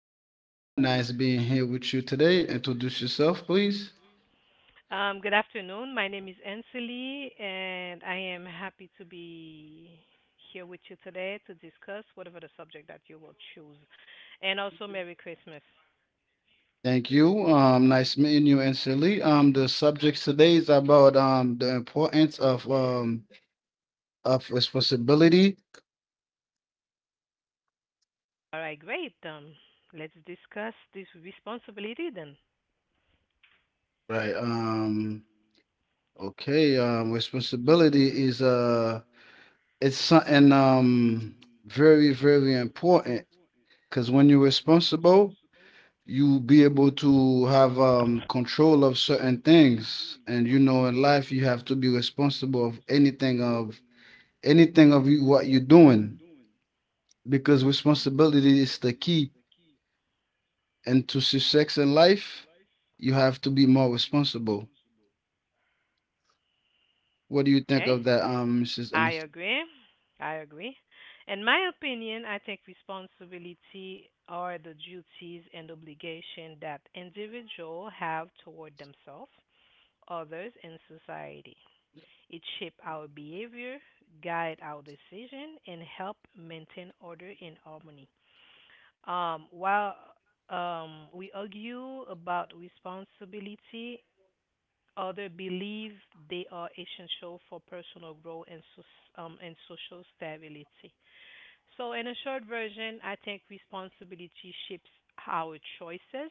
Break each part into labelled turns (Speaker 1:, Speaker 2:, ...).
Speaker 1: Michael Bourne. Nice being here with you today. Introduce yourself, please.
Speaker 2: Good afternoon. My name is Ansley, and I am happy to be here with you today to discuss whatever the subject that you will choose. And also, Merry Christmas.
Speaker 1: Thank you. Nice meeting you, Ansley. The subject today is about the importance of of responsibility.
Speaker 2: All right, great. Let's discuss this responsibility then.
Speaker 1: Right. Okay. Responsibility is it's something very very important, because when you're responsible, you be able to have control of certain things, and you know in life you have to be responsible of anything of you, what you're doing, because responsibility
Speaker 2: Hmm.
Speaker 1: is the key and to success in life you have to be more responsible. What do you think
Speaker 2: Okay,
Speaker 1: of that, Mrs.
Speaker 2: I
Speaker 1: Ernest?
Speaker 2: agree. I agree. In my opinion, I think responsibility are the duties and obligation that individual have toward themselves, others, and society. It shapes our behavior, guide our decision, and help maintain order and harmony. While we argue about responsibility, others believe they are essential for personal growth and and social stability. So, in a short version, I think responsibility shapes our choices,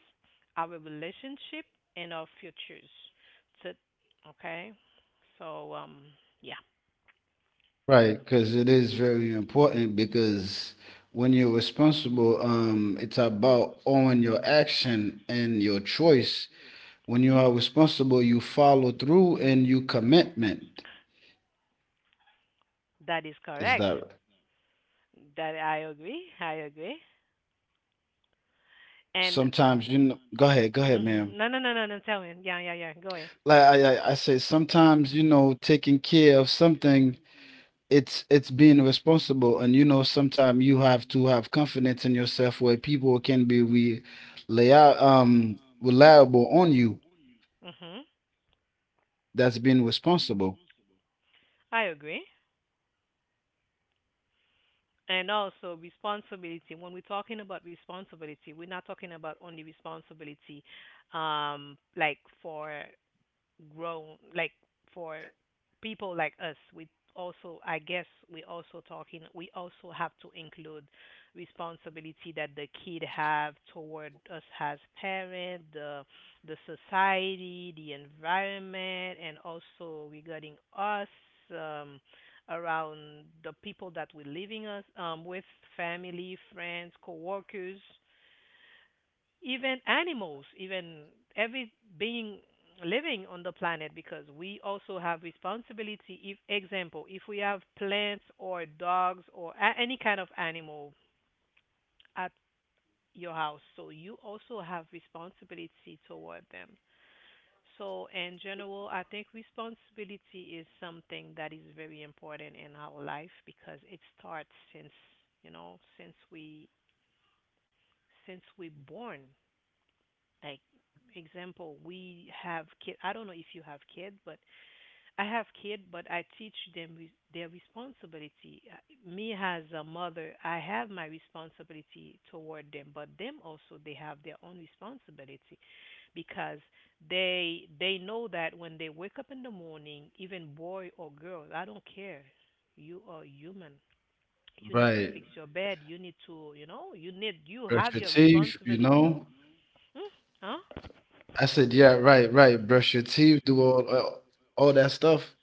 Speaker 2: our relationship, and our futures. So, okay. So, yeah.
Speaker 1: Right, because it is very important, because when you're responsible, it's about owning your action and your choice. When you
Speaker 2: Hmm.
Speaker 1: are responsible, you follow through and you commitment.
Speaker 2: That is
Speaker 1: Is
Speaker 2: correct.
Speaker 1: that
Speaker 2: That, I agree. I agree. And.
Speaker 1: sometimes, you know? Go ahead, ma'am.
Speaker 2: Mhm. No, no, no, no, no. Tell me. Yeah, yeah, yeah. Go ahead.
Speaker 1: Like I say, sometimes, taking care of something, it's being responsible, and you know, sometimes you have to have confidence in yourself where people can be re, lay out, reliable on you,
Speaker 2: Hmm.
Speaker 1: that's being responsible.
Speaker 2: I agree. And also responsibility. When we're talking about responsibility, we're not talking about only responsibility, um, like for like for people like us, we also, I guess, we also talking, we also have to include responsibility that the kid have toward us as parent, the society, the environment, and also regarding us, um around the people that we living us with, family, friends, coworkers, even animals, even every being living on the planet, because we also have responsibility. If example, if we have plants or dogs or any kind of animal at your house, so you also have responsibility toward them. So in general, I think responsibility is something that is very important in our life because it starts since you know since we born. Like example, we have kid. I don't know if you have kid, but I have kid, but I teach them their responsibility. Me as a mother, I have my responsibility toward them, but them also they have their own responsibility because they know that when they wake up in the morning, even boy or girl, I don't care. You are human. You need to
Speaker 1: Right.
Speaker 2: fix your bed. You need to, you know, you need, you
Speaker 1: Brush
Speaker 2: have
Speaker 1: your
Speaker 2: your
Speaker 1: teeth, you
Speaker 2: responsibility.
Speaker 1: know.
Speaker 2: Hmm? Huh?
Speaker 1: I said, yeah, right, right. Brush your teeth, do all that stuff.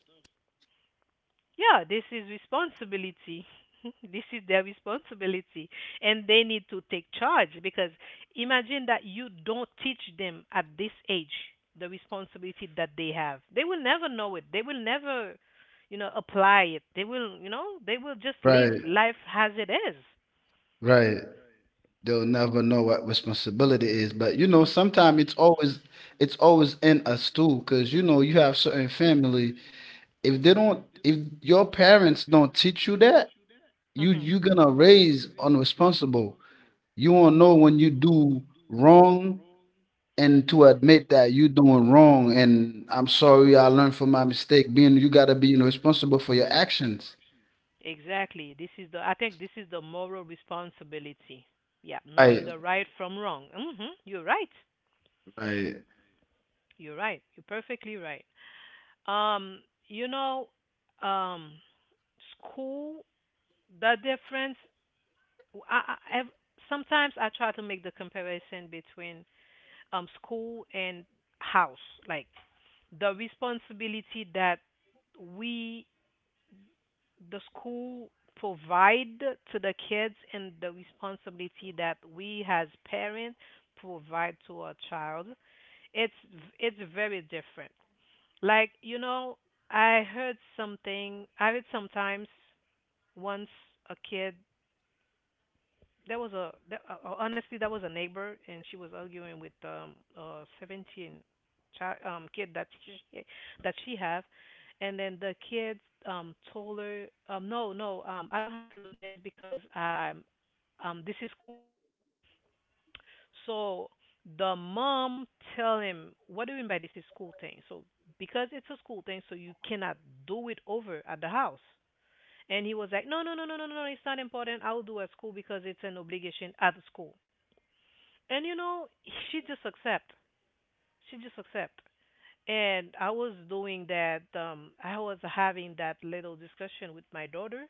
Speaker 2: Yeah, this is responsibility. This is their responsibility, and they need to take charge because imagine that you don't teach them at this age the responsibility that they have. They will never know it. They will never, you know, apply it. They will, you know, they will just live
Speaker 1: Right.
Speaker 2: life as it is.
Speaker 1: Right. They'll never know what responsibility is. But you know, sometimes it's always in us too, because you know, you have certain family. If they don't, if your parents don't teach you that,
Speaker 2: Mm-hmm.
Speaker 1: you're gonna raise unresponsible. You won't know when you do wrong, and to admit that you doing wrong, and I'm sorry, I learned from my mistake, being you got to be responsible for your actions.
Speaker 2: Exactly. This is the I think this is the moral responsibility. Yeah, knowing
Speaker 1: Right,
Speaker 2: the right from wrong. Mm-hmm. You're right.
Speaker 1: right.
Speaker 2: You're right. You're perfectly right. Um, you know, um, School, the difference. I, I ev- Sometimes I try to make the comparison between school and house, like the responsibility that we, the school, provide to the kids and the responsibility that we as parents provide to our child. It's it's very different. Like, you know, I heard something, I heard sometimes once a kid, there was a, there, honestly, that was a neighbor and she was arguing with a 17 child, kid that she have, and then the kid told her, no, no, I don't have to do this because this is cool thing. So the mom tell him, what do you mean by this is school thing? So because it's a school thing, so you cannot do it over at the house. And he was like, no, no, no, no, no, no, no, it's not important. I'll do at school because it's an obligation at school. And you know, she just accept. She just accept. And I was doing that. I was having that little discussion with my daughter,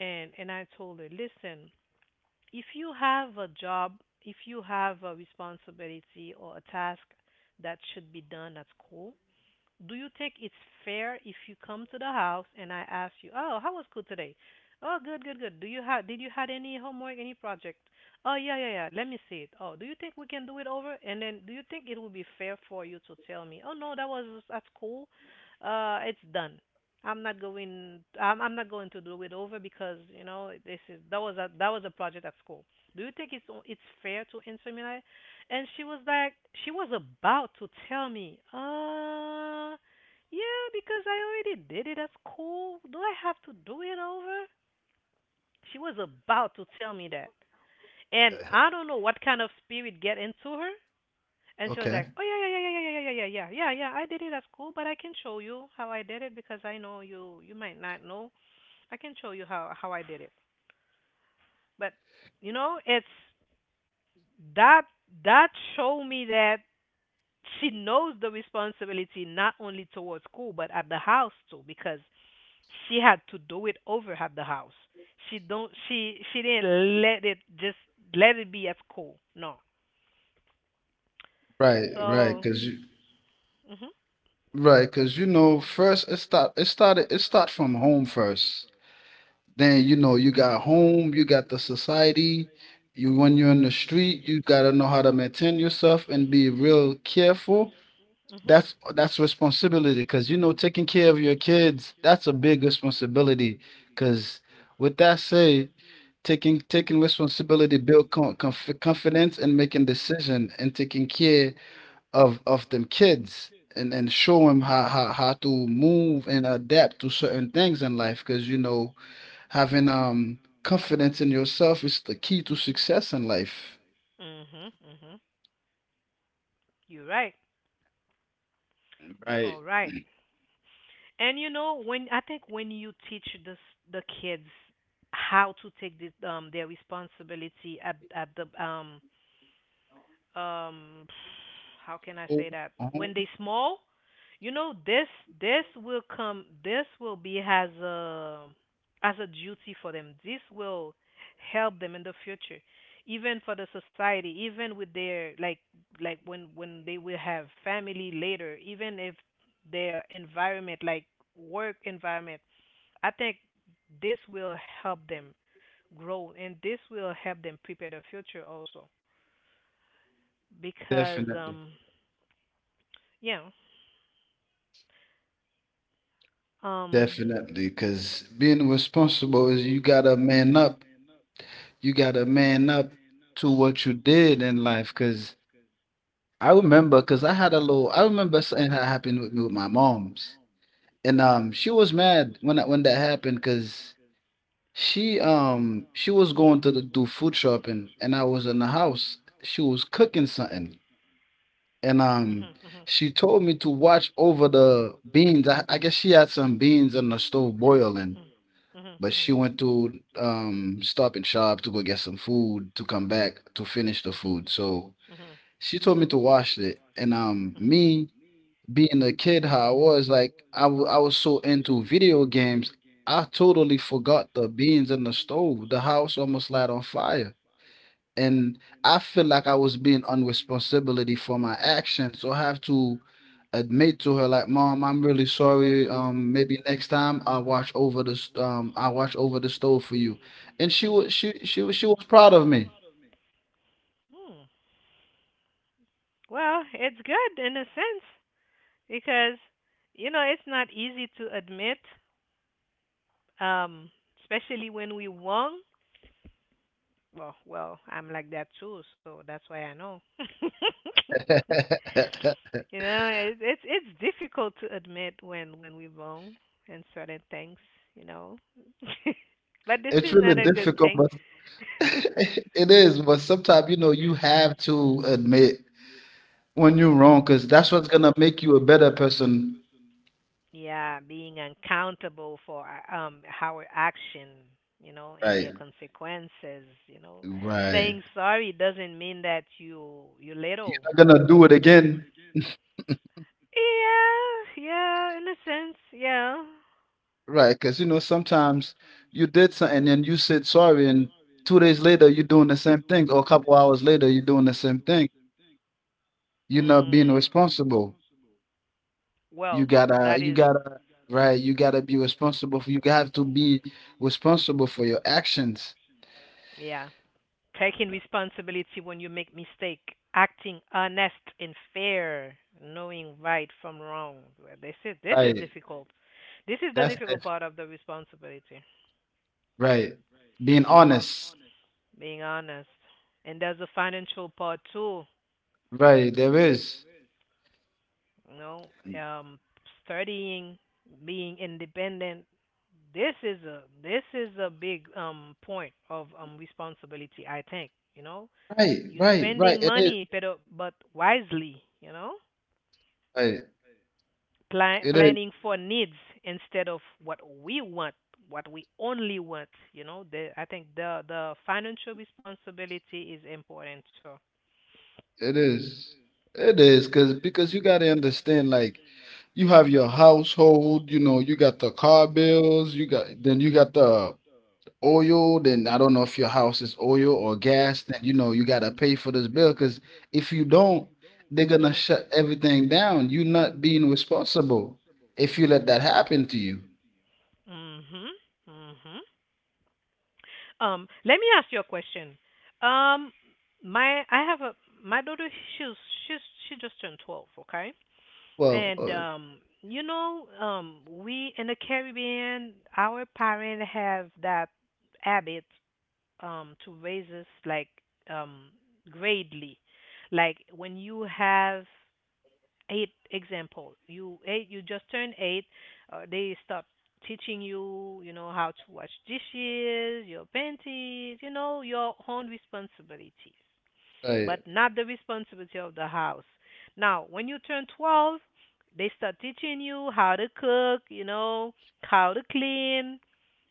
Speaker 2: and I told her, listen, if you have a job, if you have a responsibility or a task that should be done at school, do you think it's fair if you come to the house and I ask you, "Oh, how was school today?" "Oh, good, good, good." "Do you have Did you had any homework, any project?" "Oh, yeah, yeah, yeah. Let me see it." "Oh, do you think we can do it over?" And then do you think it would be fair for you to tell me, "Oh, no, that was at school. It's done. I'm not going to do it over because, you know, this is that was a project at school." Do you think it's fair to answer me like, and she was like, she was about to tell me, yeah, because I already did it at school. Do I have to do it over? She was about to tell me that. And
Speaker 1: uh,
Speaker 2: I don't know what kind of spirit get into her. And she was
Speaker 1: okay.
Speaker 2: like, oh, yeah, yeah, yeah, yeah, yeah, yeah, yeah, yeah, yeah, yeah, I did it at school, but I can show you how I did it because I know you, you might not know. I can show you how I did it. But, you know, it's that, that showed me that she knows the responsibility not only towards school but at the house too because she had to do it over at the house. She don't she didn't let it just let it be at school. No.
Speaker 1: Right, right,
Speaker 2: So,
Speaker 1: because you
Speaker 2: mhm
Speaker 1: right, because you know first, it start it started it start from home first. Then you know, you got home, you got the society. You When you're in the street, you got to know how to maintain yourself and be real careful. That's responsibility, because you know taking care of your kids, that's a big responsibility. Because with that said, taking responsibility build confidence, and making decision, and taking care of them kids, and show them how to move and adapt to certain things in life. Because you know, having confidence in yourself is the key to success in life.
Speaker 2: mhm mhm mhm you're right. You're
Speaker 1: Right.
Speaker 2: all right. And you know, when I think when you teach the kids how to take this, their responsibility at the, um how can I
Speaker 1: Oh,
Speaker 2: say that?
Speaker 1: oh,
Speaker 2: When they small, you know, this will come, this will be as a duty for them. This will help them in the future. Even for the society, even with their, like when they will have family later, even if their environment, like work environment, I think this will help them grow and this will help them prepare the future also because
Speaker 1: definitely.
Speaker 2: you um
Speaker 1: Definitely, because being responsible is you gotta man up. You gotta man up to what you did in life. Because I remember, because I had a little. I remember something that happened with me with my mom's, and she was mad when that happened, because she was going to the, do food shopping, and I was in the house. She was cooking something, and
Speaker 2: mhm, mhm, mhm, mhm,
Speaker 1: she told me to watch over the beans. I guess she had some beans on the stove boiling,
Speaker 2: mhm, mhm,
Speaker 1: but
Speaker 2: mhm,
Speaker 1: she
Speaker 2: mhm.
Speaker 1: went to Stop and Shop to go get some food to come back to finish the food. So she told me to wash it, and me being the kid, how I was like, I was so into video games, I totally forgot the beans in the stove. The house almost light on fire, and I feel like I was being unresponsibility for my actions. So I have to admit to her, like, Mom, I'm really sorry. Maybe next time I watch over the s- I watch over the stove for you. And she was proud of me.
Speaker 2: Hmm. Well, it's good in a sense because you know it's not easy to admit, um, especially when we wrong. Well, well, I'm like that too, so that's why I know. You know, it's difficult to admit when we wrong in certain things, you know. But this
Speaker 1: It's
Speaker 2: is
Speaker 1: really
Speaker 2: not a good
Speaker 1: difficult,
Speaker 2: thing.
Speaker 1: but it is. But sometimes, you know, you have to admit when you're wrong, because that's what's gonna make you a better person.
Speaker 2: Yeah, being accountable for our action, you know, and
Speaker 1: Right,
Speaker 2: their consequences, you know.
Speaker 1: right.
Speaker 2: Saying sorry doesn't mean that you
Speaker 1: You're
Speaker 2: little.
Speaker 1: not gonna do it again.
Speaker 2: Yeah, yeah, in a sense, yeah.
Speaker 1: Right, because you know sometimes you did something and then you said sorry, and 2 days later you're doing the same thing, or a couple hours later you're doing the same thing. You're not being
Speaker 2: Mm,
Speaker 1: responsible. You
Speaker 2: well,
Speaker 1: gotta,
Speaker 2: that
Speaker 1: you
Speaker 2: is,
Speaker 1: gotta, right? You gotta be responsible for. You have to be responsible for your actions.
Speaker 2: yeah. Taking responsibility when you make mistake, acting honest and fair, knowing right from wrong. Well, this is
Speaker 1: Right.
Speaker 2: difficult. This is the
Speaker 1: That's
Speaker 2: difficult
Speaker 1: def-
Speaker 2: part of the responsibility,
Speaker 1: right. Being honest.
Speaker 2: being honest. And there's a financial part too,
Speaker 1: Right. There is.
Speaker 2: you know, um, studying, being independent. This is a big point of responsibility, I think, you know.
Speaker 1: Right.
Speaker 2: You
Speaker 1: Right. Right.
Speaker 2: spending
Speaker 1: It is.
Speaker 2: money, but wisely, you know.
Speaker 1: Right. It is.
Speaker 2: Planning for needs instead of what we want, what we only want. You know, I think the financial responsibility is important. So.
Speaker 1: It is. It is, because you got to understand, like, you have your household, you know, you got the car bills, you got the oil, then I don't know if your house is oil or gas, then you know you got to pay for this bill, because if you don't, they're gonna
Speaker 2: Mhm.
Speaker 1: shut everything down. You're not being responsible if you let that happen to you.
Speaker 2: Mhm. Mhm. Let me ask you a question. Um, my I have a my daughter. She's she's she just turned 12. Okay.
Speaker 1: Well,
Speaker 2: And we in the Caribbean, our parents have that habit to raise us like um gradely. Like when you have eight example, you just turned eight, they start teaching you, you know, how to wash dishes, your panties, you know, your own responsibilities,
Speaker 1: right,
Speaker 2: but not the responsibility of the house. Now, when you turn 12, they start teaching you how to cook, you know, how to clean,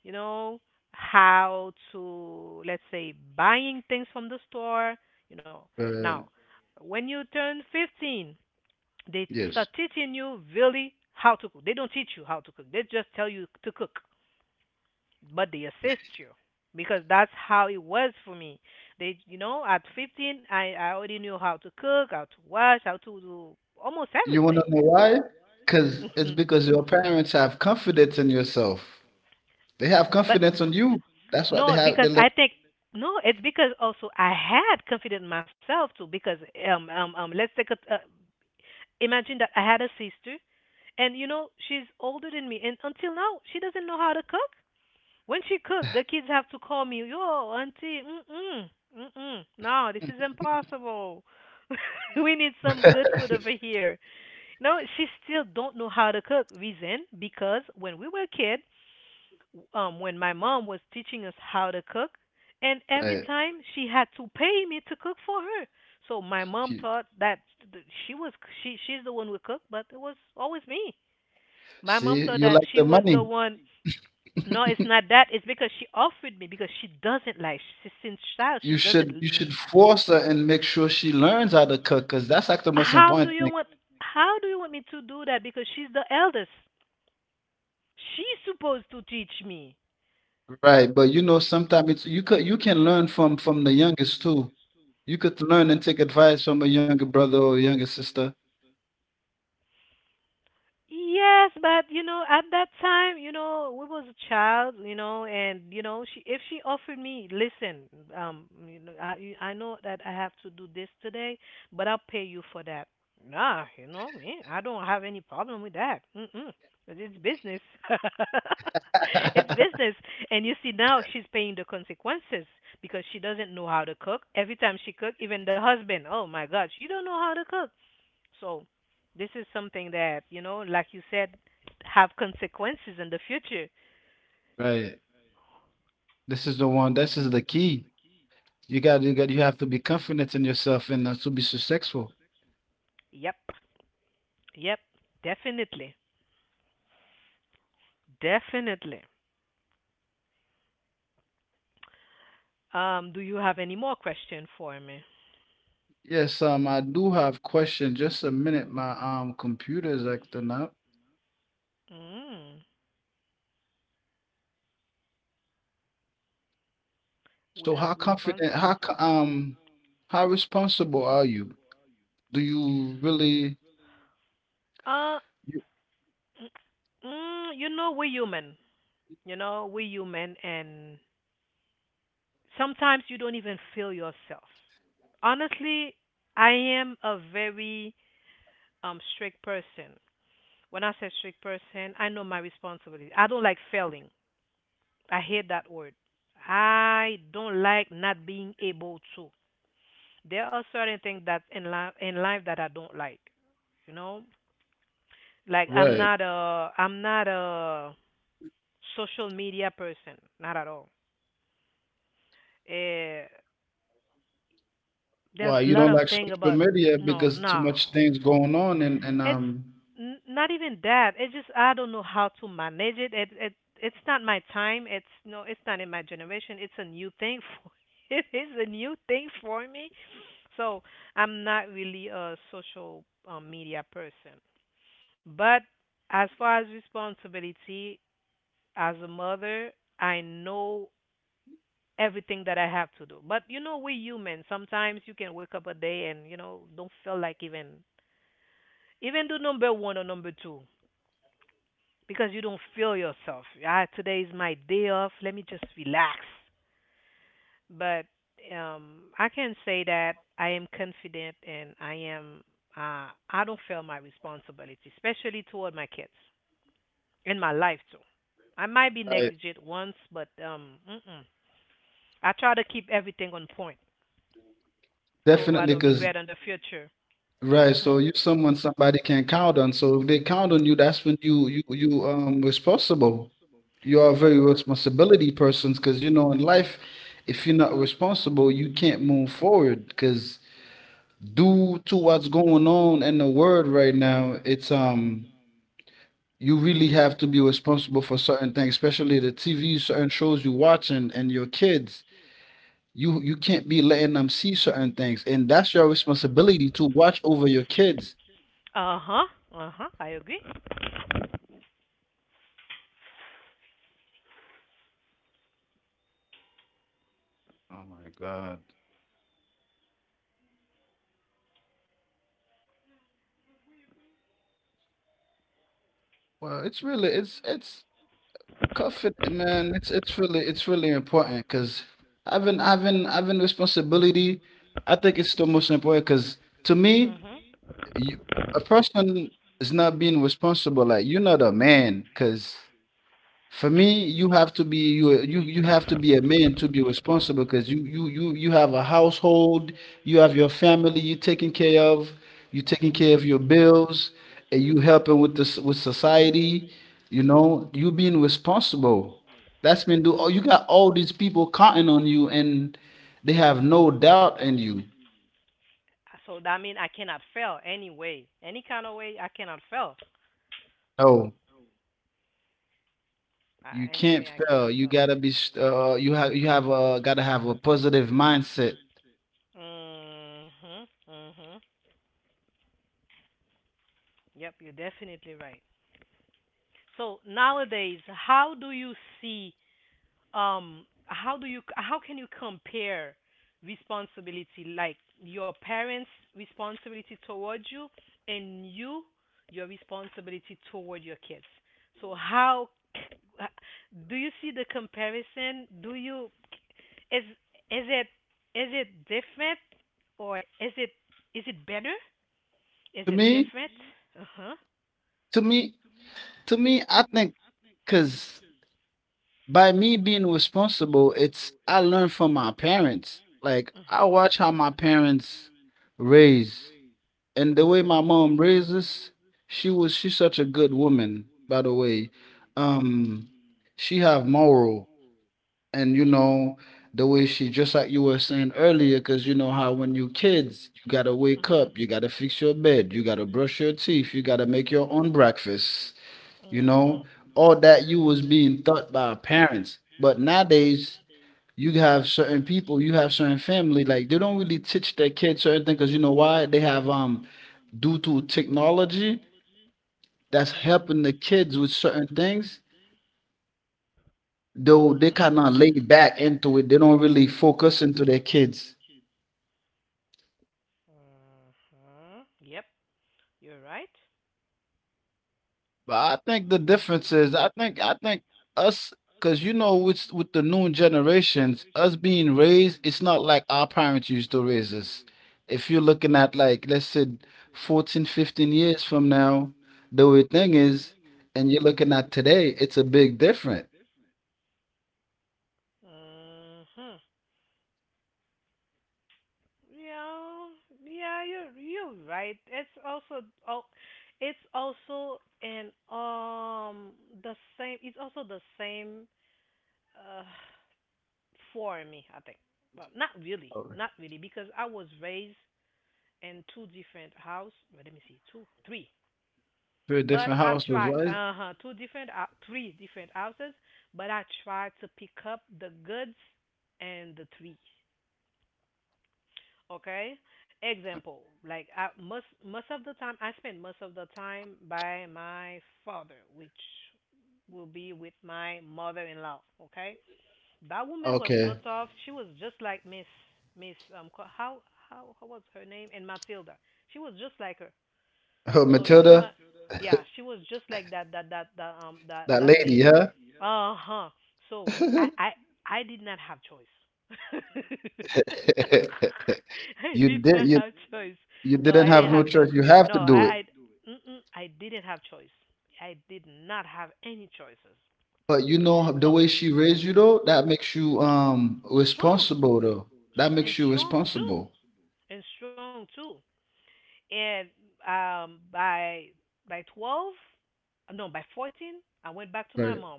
Speaker 2: you know, how to, let's say, buying things from the store, you know. Now,
Speaker 1: uh,
Speaker 2: when you turn 15, they
Speaker 1: yes.
Speaker 2: start teaching you really how to cook. They don't teach you how to cook. They just tell you to cook, but they assist you because that's how it was for me. They, you know, at 15, I already knew how to cook, how to wash, how to do almost
Speaker 1: You want to
Speaker 2: everything.
Speaker 1: know why? Because it's because your parents have confidence in yourself. They have
Speaker 2: But
Speaker 1: confidence on you. That's what they
Speaker 2: no,
Speaker 1: have. They
Speaker 2: because
Speaker 1: let
Speaker 2: I think no, it's because also I had confidence in myself too. Because let's take a imagine that I had a sister, and you know she's older than me, and until now she doesn't know how to cook. When she cook, the kids have to call me, yo, auntie, mm-mm, mm-mm. No, this is impossible. We need some good food over here. No, she still don't know how to cook. Reason, because when we were kids, when my mom was teaching us how to cook, and every
Speaker 1: right.
Speaker 2: time she had to pay me to cook for her. So my mom
Speaker 1: You-
Speaker 2: thought that th- she was she she's the one who cooked, but it was always me. My mom
Speaker 1: See,
Speaker 2: thought
Speaker 1: you
Speaker 2: that
Speaker 1: like
Speaker 2: she
Speaker 1: the
Speaker 2: was the
Speaker 1: money.
Speaker 2: one. No, it's not that. It's because she offered me because she doesn't like she, since child she
Speaker 1: You
Speaker 2: doesn't.
Speaker 1: should you should force her and make sure she learns how to cook, because that's like the most
Speaker 2: How do
Speaker 1: important
Speaker 2: you
Speaker 1: thing,
Speaker 2: want? How do you want me to do that? Because she's the eldest. She's supposed to teach me.
Speaker 1: right? But you know, sometimes it's you can learn from the youngest too. You could learn and take advice from a younger brother or a younger sister.
Speaker 2: Yes, but at that time, we was a child, and she if she offered me, listen, I know that I have to do this today, but I'll pay you for that. Nah, you know me, I don't have any problem with that. Mm-mm, 'cause it's business. It's business, and you see now she's paying the consequences because she doesn't know how to cook. Every time she cook, even the husband, oh my gosh, you don't know how to cook. So this is something that, like you said, have consequences in the future.
Speaker 1: Right. This is the one. This is the key. You have to be confident in yourself and to be so successful.
Speaker 2: Yep. Yep. Definitely. Definitely. Do you have any more question for me?
Speaker 1: Yes, I do have question. Just a minute, my computer is acting up.
Speaker 2: Mm,
Speaker 1: So
Speaker 2: without
Speaker 1: how
Speaker 2: response.
Speaker 1: confident, how responsible are you? Do you really
Speaker 2: Uh,
Speaker 1: you
Speaker 2: you know, we're human. You know, we're human, and sometimes you don't even feel yourself. Honestly, I am a very strict person. When I say strict person, I know my responsibility. I don't like failing. I hate that word. I don't like not being able to. There are certain things that in life that I don't like. You know, like
Speaker 1: right?
Speaker 2: I'm not a social media person, not at all. Uh, there's
Speaker 1: Why
Speaker 2: a
Speaker 1: you
Speaker 2: lot
Speaker 1: don't
Speaker 2: of
Speaker 1: like
Speaker 2: thing
Speaker 1: social
Speaker 2: about
Speaker 1: media? Because too much
Speaker 2: no,
Speaker 1: things going on, and
Speaker 2: it's not even that. It's just I don't know how to manage it. It's not my time. It's no, it's not in my generation. It's a new thing for, it is a new thing for me. So I'm not really a social media person. But as far as responsibility as a mother, I know everything that I have to do. But you know, we're human. Sometimes you can wake up a day and you know don't feel like even do number one or number two, because you don't feel yourself. Ah, today is my day off. Let me just relax. But I can say that I am confident and I am. I don't feel my responsibility, especially toward my kids and my life too. I might be
Speaker 1: right,
Speaker 2: negligent once, but mm-mm. I try to keep everything on point so I don't
Speaker 1: definitely,
Speaker 2: regret
Speaker 1: because
Speaker 2: in the future.
Speaker 1: right,
Speaker 2: Hmm.
Speaker 1: so you,
Speaker 2: Right, so
Speaker 1: someone
Speaker 2: you're
Speaker 1: somebody
Speaker 2: someone
Speaker 1: can
Speaker 2: somebody
Speaker 1: count
Speaker 2: can
Speaker 1: on. So
Speaker 2: count
Speaker 1: if
Speaker 2: on.
Speaker 1: they
Speaker 2: So
Speaker 1: count
Speaker 2: if
Speaker 1: on
Speaker 2: they
Speaker 1: you,
Speaker 2: count
Speaker 1: that's
Speaker 2: on
Speaker 1: when
Speaker 2: you, that's
Speaker 1: you you
Speaker 2: when you
Speaker 1: you
Speaker 2: you, you
Speaker 1: responsible.
Speaker 2: responsible.
Speaker 1: You are a very responsibility person, because you know in life, if you're not responsible, you can't move forward. Because due to what's going on in the world right now, it's you really have to be responsible for certain things, especially the TV, certain shows you're watching, and your kids. You can't be letting them see certain things, and that's your responsibility to watch over your kids.
Speaker 2: Uh huh. Uh huh. I agree.
Speaker 1: Oh my god. Well, it's really it's confident, man. It's really important, because having responsibility, I think it's the most important. Because to me,
Speaker 2: Mhm.
Speaker 1: you, a person is not being responsible. Like you're not a man, because for me, you have to be you you you have to be a man to be responsible, because you have a household, you have your family you're taking care of, you're taking care
Speaker 2: Mhm.
Speaker 1: of your bills, and you helping with this with society, you being responsible. That's been do oh, you got all these people counting on you, and they have no doubt in you.
Speaker 2: So that means I cannot fail anyway. Any kind of way I cannot fail.
Speaker 1: No, you
Speaker 2: Any
Speaker 1: can't
Speaker 2: way I
Speaker 1: fail.
Speaker 2: cannot
Speaker 1: You
Speaker 2: fail.
Speaker 1: gotta be st- you have gotta have a positive mindset.
Speaker 2: Mhm. Mhm. Yep, you're definitely right. So nowadays, how do you see how do you how can you compare responsibility like your parents' responsibility towards you and you your responsibility toward your kids? So how Uh, do you see the comparison? Do you is is it is it different or is it better? Is
Speaker 1: To
Speaker 2: it
Speaker 1: me,
Speaker 2: different? Uh huh.
Speaker 1: to me To me, I think, because by me being responsible, it's I learned from my parents. Like
Speaker 2: Uh
Speaker 1: I
Speaker 2: huh.
Speaker 1: watch how my parents raise, and the way my mom raises, she's such a good woman. By the way, um, she have moral, and you
Speaker 2: Uh huh.
Speaker 1: know the way she, just like you were saying earlier, because you know how when you kids, you gotta
Speaker 2: Uh
Speaker 1: wake
Speaker 2: huh. Uh huh.
Speaker 1: up, you gotta fix your bed, you gotta brush your teeth, you gotta make your own breakfast, you
Speaker 2: Uh huh.
Speaker 1: know, all that you was being taught by our parents. But nowadays, you have certain people, you have certain family, like they don't really teach their kids certain things, because you know why? They have due to technology that's
Speaker 2: Uh
Speaker 1: helping the kids with certain things, though they
Speaker 2: huh.
Speaker 1: kind of lay back into it. They don't really focus into their kids.
Speaker 2: Uh huh. Yep, you're right.
Speaker 1: But I think the difference is, I think us, because you know, with the new generations, us being raised, it's not like our parents used to raise us. If you're looking at, like, let's say, 14, 15 years from now, the way thing is, and you're looking at today, it's a big difference.
Speaker 2: Uh huh. Yeah, yeah, you're right. It's also an the same. It's also the same uh for me. I think, but not really,
Speaker 1: Oh,
Speaker 2: not really, because I was raised in two different house. Well, let me see, two, three.
Speaker 1: very
Speaker 2: But
Speaker 1: different
Speaker 2: I
Speaker 1: households,
Speaker 2: try
Speaker 1: right?
Speaker 2: uh huh two different three different houses. But I try to pick up the goods and the trees. Okay. Example, like I most of the time I spend most of the time by my father, which will be with my mother-in-law. Okay. That woman was so
Speaker 1: Okay.
Speaker 2: tough. She was just like Miss how how was her name? And Matilda. She was just like her.
Speaker 1: Oh,
Speaker 2: So you
Speaker 1: Matilda,
Speaker 2: ima- yeah, she was just like
Speaker 1: that
Speaker 2: that
Speaker 1: lady,
Speaker 2: lady.
Speaker 1: huh?
Speaker 2: Uh huh. So we I did not have choice. I
Speaker 1: You
Speaker 2: did
Speaker 1: did,
Speaker 2: not have choice.
Speaker 1: you
Speaker 2: No,
Speaker 1: didn't
Speaker 2: I
Speaker 1: have
Speaker 2: didn't
Speaker 1: no
Speaker 2: have choice.
Speaker 1: choice. You have to
Speaker 2: No,
Speaker 1: do it.
Speaker 2: I mm-mm, I didn't have choice. I did not have any choices.
Speaker 1: But you know the
Speaker 2: So
Speaker 1: way she raised you though, that makes you
Speaker 2: strong
Speaker 1: responsible though. That
Speaker 2: and
Speaker 1: makes you
Speaker 2: strong too,
Speaker 1: responsible.
Speaker 2: and strong too and um by by 12, no, by 14 I went back to my
Speaker 1: Right,
Speaker 2: mom.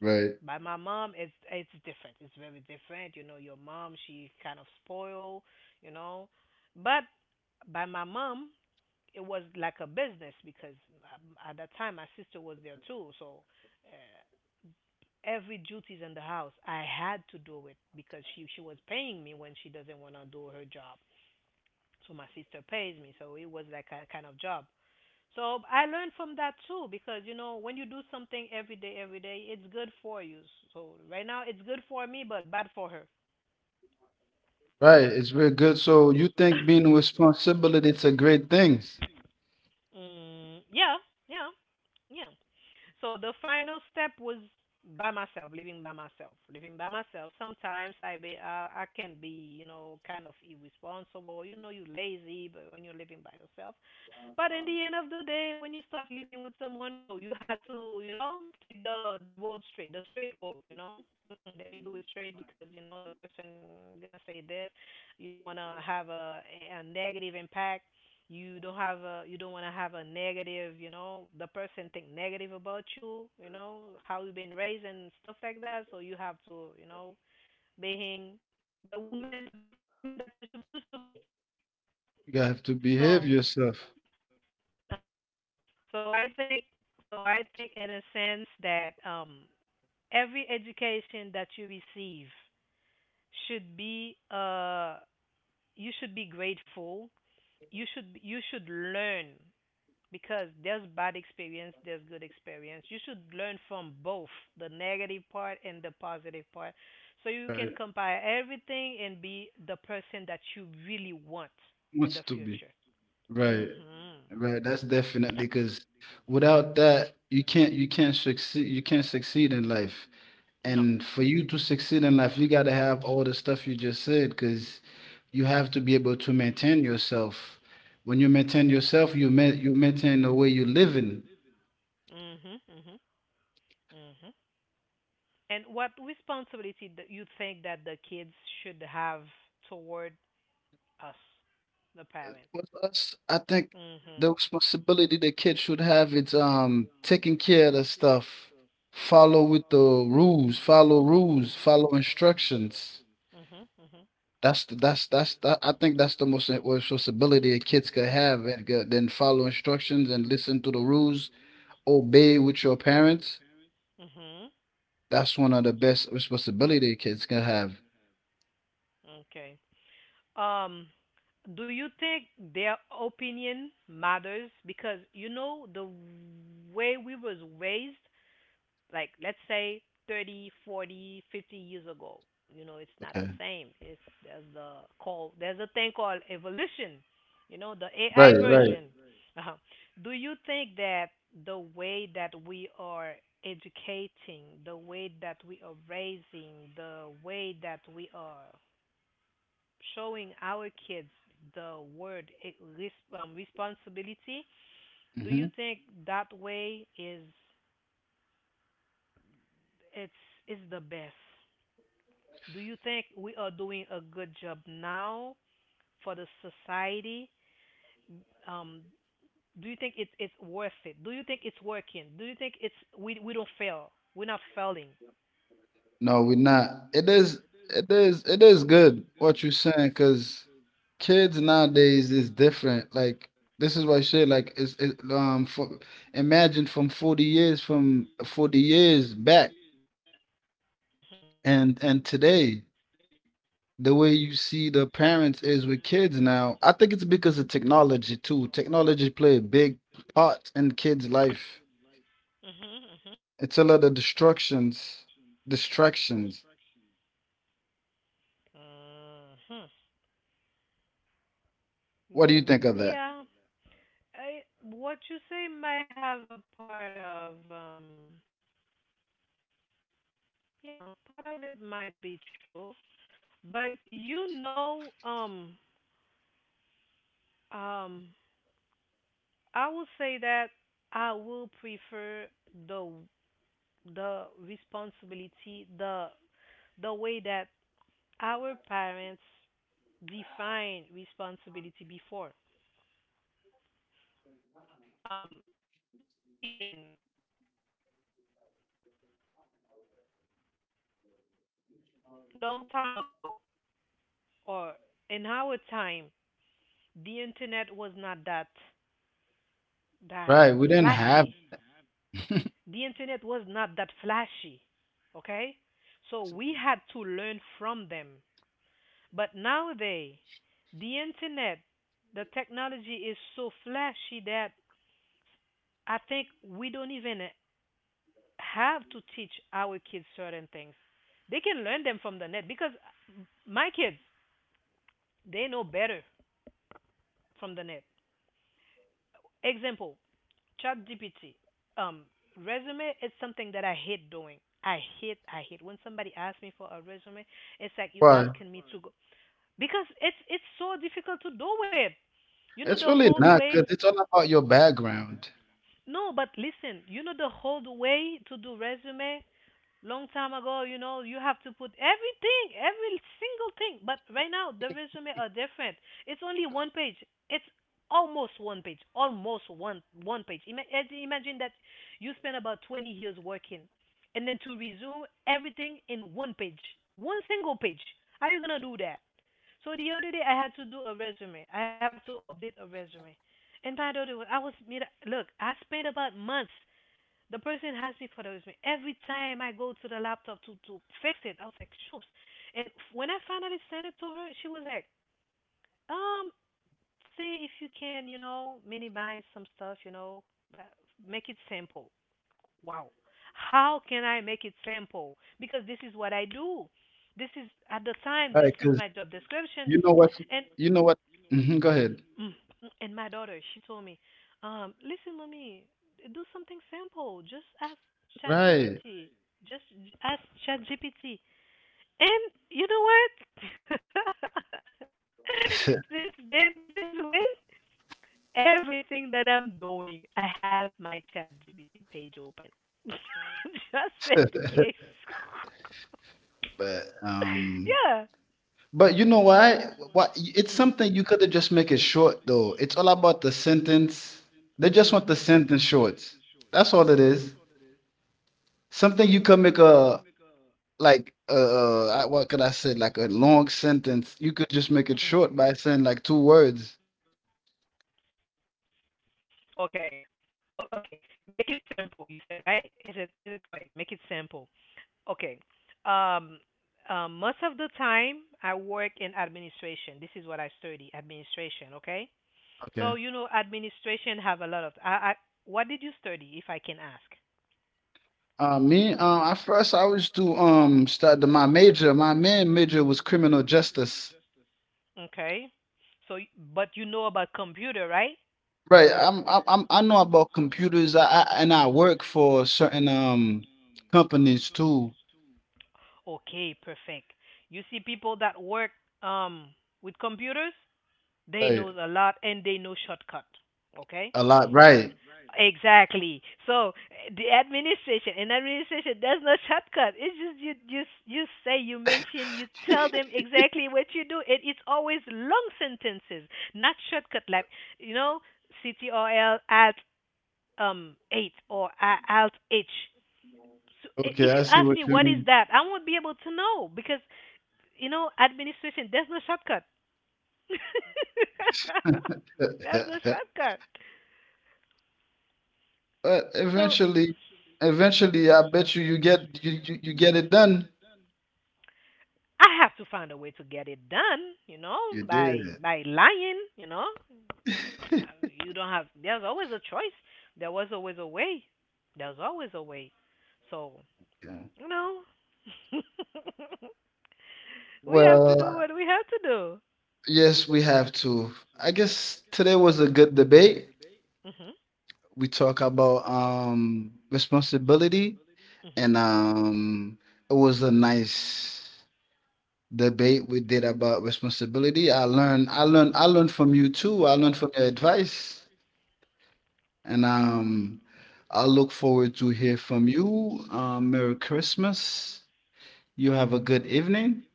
Speaker 1: right,
Speaker 2: By my mom it's different it's very different. You know your mom, she kind of spoil, you know, but by my mom it was like a business because, at that time my sister was there too, so, uh, every duties in the house I had to do it because she was paying me when she doesn't want to do her job. So my sister pays me, so it was like a kind of job. So I learned from that too because you know when you do something every day, it's good for you. So right now it's good for me, but bad for her.
Speaker 1: right. It's very good. So you think being responsible, it's a great thing.
Speaker 2: Mm, yeah, yeah, yeah. So the final step was living by myself. Sometimes I be I can be you know kind of irresponsible. You know you lazy, but when you're living by yourself, but in the end of the day, when you start living with someone, so you had to, you know, take the road straight, the straight road, you know. Mm-mm, let me do it straight because you know the person gonna say this. You don't wanna have a negative impact. You don't wanna have a negative, you know, the person think negative about you, you know, how you been raised and stuff like that. So you have to, you know, being the woman, the perfect woman that you're supposed to be.
Speaker 1: You have to
Speaker 2: So
Speaker 1: behave yourself.
Speaker 2: uh-huh. So I think so I think in a sense that every education that you receive should be you should be grateful. You should learn because there's bad experience, there's good experience. You should learn from both the negative part and the positive part. So you can
Speaker 1: Right.
Speaker 2: compare everything and be the person that you really want in
Speaker 1: Wants
Speaker 2: the
Speaker 1: to be.
Speaker 2: future.
Speaker 1: Right.
Speaker 2: Mhm.
Speaker 1: Right. That's definitely, because without that you can't succeed in life.
Speaker 2: No.
Speaker 1: And for you to succeed in life, you got to have all the stuff you just said, because you have to be able to maintain yourself. When you maintain yourself, you ma- you maintain the way you live in.
Speaker 2: Mhm. Mhm. Mhm. And what responsibility do you think that the kids should have toward us, the parents?
Speaker 1: With us, I think
Speaker 2: Mhm.
Speaker 1: the responsibility the kids should have is taking care of the stuff, follow with the rules, follow instructions.
Speaker 2: Mhm. Mhm.
Speaker 1: That's I think that's the most responsibility a kids could have, and then follow instructions and listen to the rules, obey with your parents.
Speaker 2: Mhm.
Speaker 1: That's one of the best responsibility kids can have.
Speaker 2: Okay. Um, do you think their opinion matters? Because you know the way we was raised, like let's say 30, 40, 50 years ago, you know it's not
Speaker 1: Okay.
Speaker 2: the same, it's there's the call, there's a thing called evolution, you know the AI
Speaker 1: Right, right.
Speaker 2: version. uh do you think that the way that we are educating, the way that we are raising, the way that we are showing our kids the word it, res- responsibility, do
Speaker 1: Hmm.
Speaker 2: you think that way is it's is the best? Do you think we are doing a good job now for the society? Um, do you think it's worth it? Do you think it's working? Do you think it's we don't fail? We're not failing.
Speaker 1: No, we're not. It is good what you're saying, because kids nowadays is different. Like, this is what I say, like imagine from 40 years from 40 years back
Speaker 2: Mhm.
Speaker 1: and today. The way you see the parents is with kids now. I think it's because of technology too. Technology play a big part in kids' life.
Speaker 2: Mhm. Mhm.
Speaker 1: It's a lot of destructions, distractions.
Speaker 2: Mhm.
Speaker 1: What do you
Speaker 2: Mm,
Speaker 1: think of that?
Speaker 2: yeah. I what you say might have a part of yeah, part of it might be true, but you know um I would say that I will prefer the the responsibility, the way that our parents defined responsibility before. Um, reason, long time ago or in our time, the internet was not that
Speaker 1: Right, we didn't have
Speaker 2: flashy. The internet was not that flashy. Okay, so we had to learn from them. But nowadays, the internet, the technology is so flashy that I think we don't even have to teach our kids certain things. They can learn them from the net because my kids, they know better from the net. Example, ChatGPT. Um, resume is something that I hate doing. I hate when somebody asks me for a resume. It's like you
Speaker 1: why.
Speaker 2: asking me to, right, go because it's so difficult to do it. You know
Speaker 1: It's
Speaker 2: the
Speaker 1: really
Speaker 2: whole
Speaker 1: not,
Speaker 2: way.
Speaker 1: because it's all about your background.
Speaker 2: No, but listen, you know the whole way to do resume long time ago, you know, you have to put everything, every single thing. But right now the resume are different. It's only one page. It's almost one page. Almost one page. Imagine that you spend about 20 years working and then to resume everything in one page. One single page. How you going to do that? So the other day I had to do a resume. I have to update a resume. And by the way, I was made look, I spent about months. The person asked me for the resume. Every time I go to the laptop to fix it, I was like, shoops. And when I finally sent it to her, she was like, um, see if you can, you know, minimize some stuff, you know, uh, make it simple. Wow. How can I make it simple? Because this is what I do. This is at the time.
Speaker 1: Right,
Speaker 2: This is
Speaker 1: because
Speaker 2: my job description.
Speaker 1: you
Speaker 2: This
Speaker 1: know what
Speaker 2: and
Speaker 1: you know what. Hmm. Go ahead.
Speaker 2: mm. And my daughter, she told me, listen, mommy, do something simple. Just ask
Speaker 1: Right.
Speaker 2: ChatGPT. Ask ChatGPT. And you know what? Since then, since when? Everything that I'm doing, I have my ChatGPT page open. Just in case.
Speaker 1: but um.
Speaker 2: Yeah.
Speaker 1: But you know why? Why it's
Speaker 2: Mm,
Speaker 1: something you could have just make it short though? It's all about the sentence. They just want the
Speaker 2: mm,
Speaker 1: sentence short. That's all it is. Something you could make a, like, what could I say, like a long sentence. You could just make it short
Speaker 2: mhm.
Speaker 1: by saying like two words.
Speaker 2: Okay. Oh, okay. Make it simple. You said right? Is it correct? Make it simple. Okay. Um, most of the time I work in administration. This is what I study, administration. Okay.
Speaker 1: Okay.
Speaker 2: So you know, administration have a lot of. I what did you study, if I can ask?
Speaker 1: Me, at first I was to start my major. My main major was criminal justice.
Speaker 2: Okay. So, y- but you know about computer, right?
Speaker 1: Right. I know about computers. I and I work for certain companies too.
Speaker 2: Okay, perfect. You see people that work um with computers. They knows
Speaker 1: Right.
Speaker 2: a lot and they know shortcut. Okay?
Speaker 1: A lot,
Speaker 2: So
Speaker 1: right.
Speaker 2: exactly. So the administration and administration there's no shortcut. It's just you you say you mention you tell them exactly what you do. It it's always long sentences, not shortcut like you know CTRL alt eight or alt H. So
Speaker 1: Okay,
Speaker 2: if
Speaker 1: I
Speaker 2: you
Speaker 1: see
Speaker 2: ask
Speaker 1: what
Speaker 2: me
Speaker 1: you
Speaker 2: what is
Speaker 1: mean.
Speaker 2: that, I won't be able to know because you know administration there's no shortcut. That's a shortcut.
Speaker 1: But
Speaker 2: So
Speaker 1: eventually, I bet you get it done.
Speaker 2: I have to find a way to get it done, you know,
Speaker 1: You did.
Speaker 2: by lying, you know. You don't have there's always a choice. There was always a way. There's always a way. So,
Speaker 1: Yeah.
Speaker 2: you know, we have to do
Speaker 1: Well,
Speaker 2: what we have to do.
Speaker 1: yes, we have to. I guess today was a good debate.
Speaker 2: Mhm.
Speaker 1: We talk about responsibility and it was a nice debate we did about responsibility. I
Speaker 2: Mhm.
Speaker 1: learned from you too. I learned from your advice. And I look forward to hear from you. Merry Christmas. You have a good evening.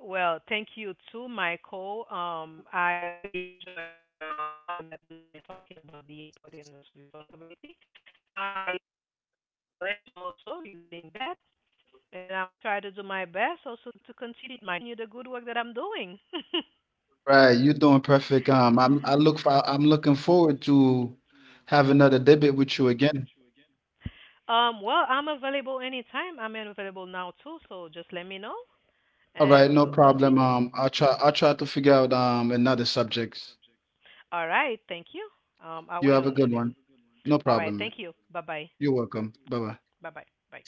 Speaker 2: Well, thank you too, Michael. I really enjoyed the time that we spent talking about the importance of responsibility. I complete my knowledge also regarding that, and I'm gonna try to do my best also to continue the good work that I'm doing.
Speaker 1: Right, you're doing perfect. I'm I look for I'm looking forward to have another debate with you again.
Speaker 2: Well, I'm available anytime. I'm available now too, so just let me know,
Speaker 1: All right,
Speaker 2: and we
Speaker 1: no
Speaker 2: will
Speaker 1: problem.
Speaker 2: continue.
Speaker 1: I'll try to figure out another subject.
Speaker 2: All right, thank you. I'll
Speaker 1: You
Speaker 2: wait
Speaker 1: have a
Speaker 2: on you
Speaker 1: good
Speaker 2: then.
Speaker 1: one. No
Speaker 2: All right,
Speaker 1: problem, man.
Speaker 2: thank you. Bye bye.
Speaker 1: You're welcome. Bye bye.
Speaker 2: Bye-bye. Bye.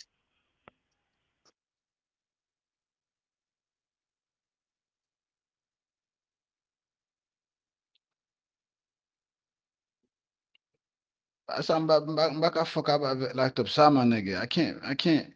Speaker 1: I sound back I fuck up laptop, sama nigga. I can't.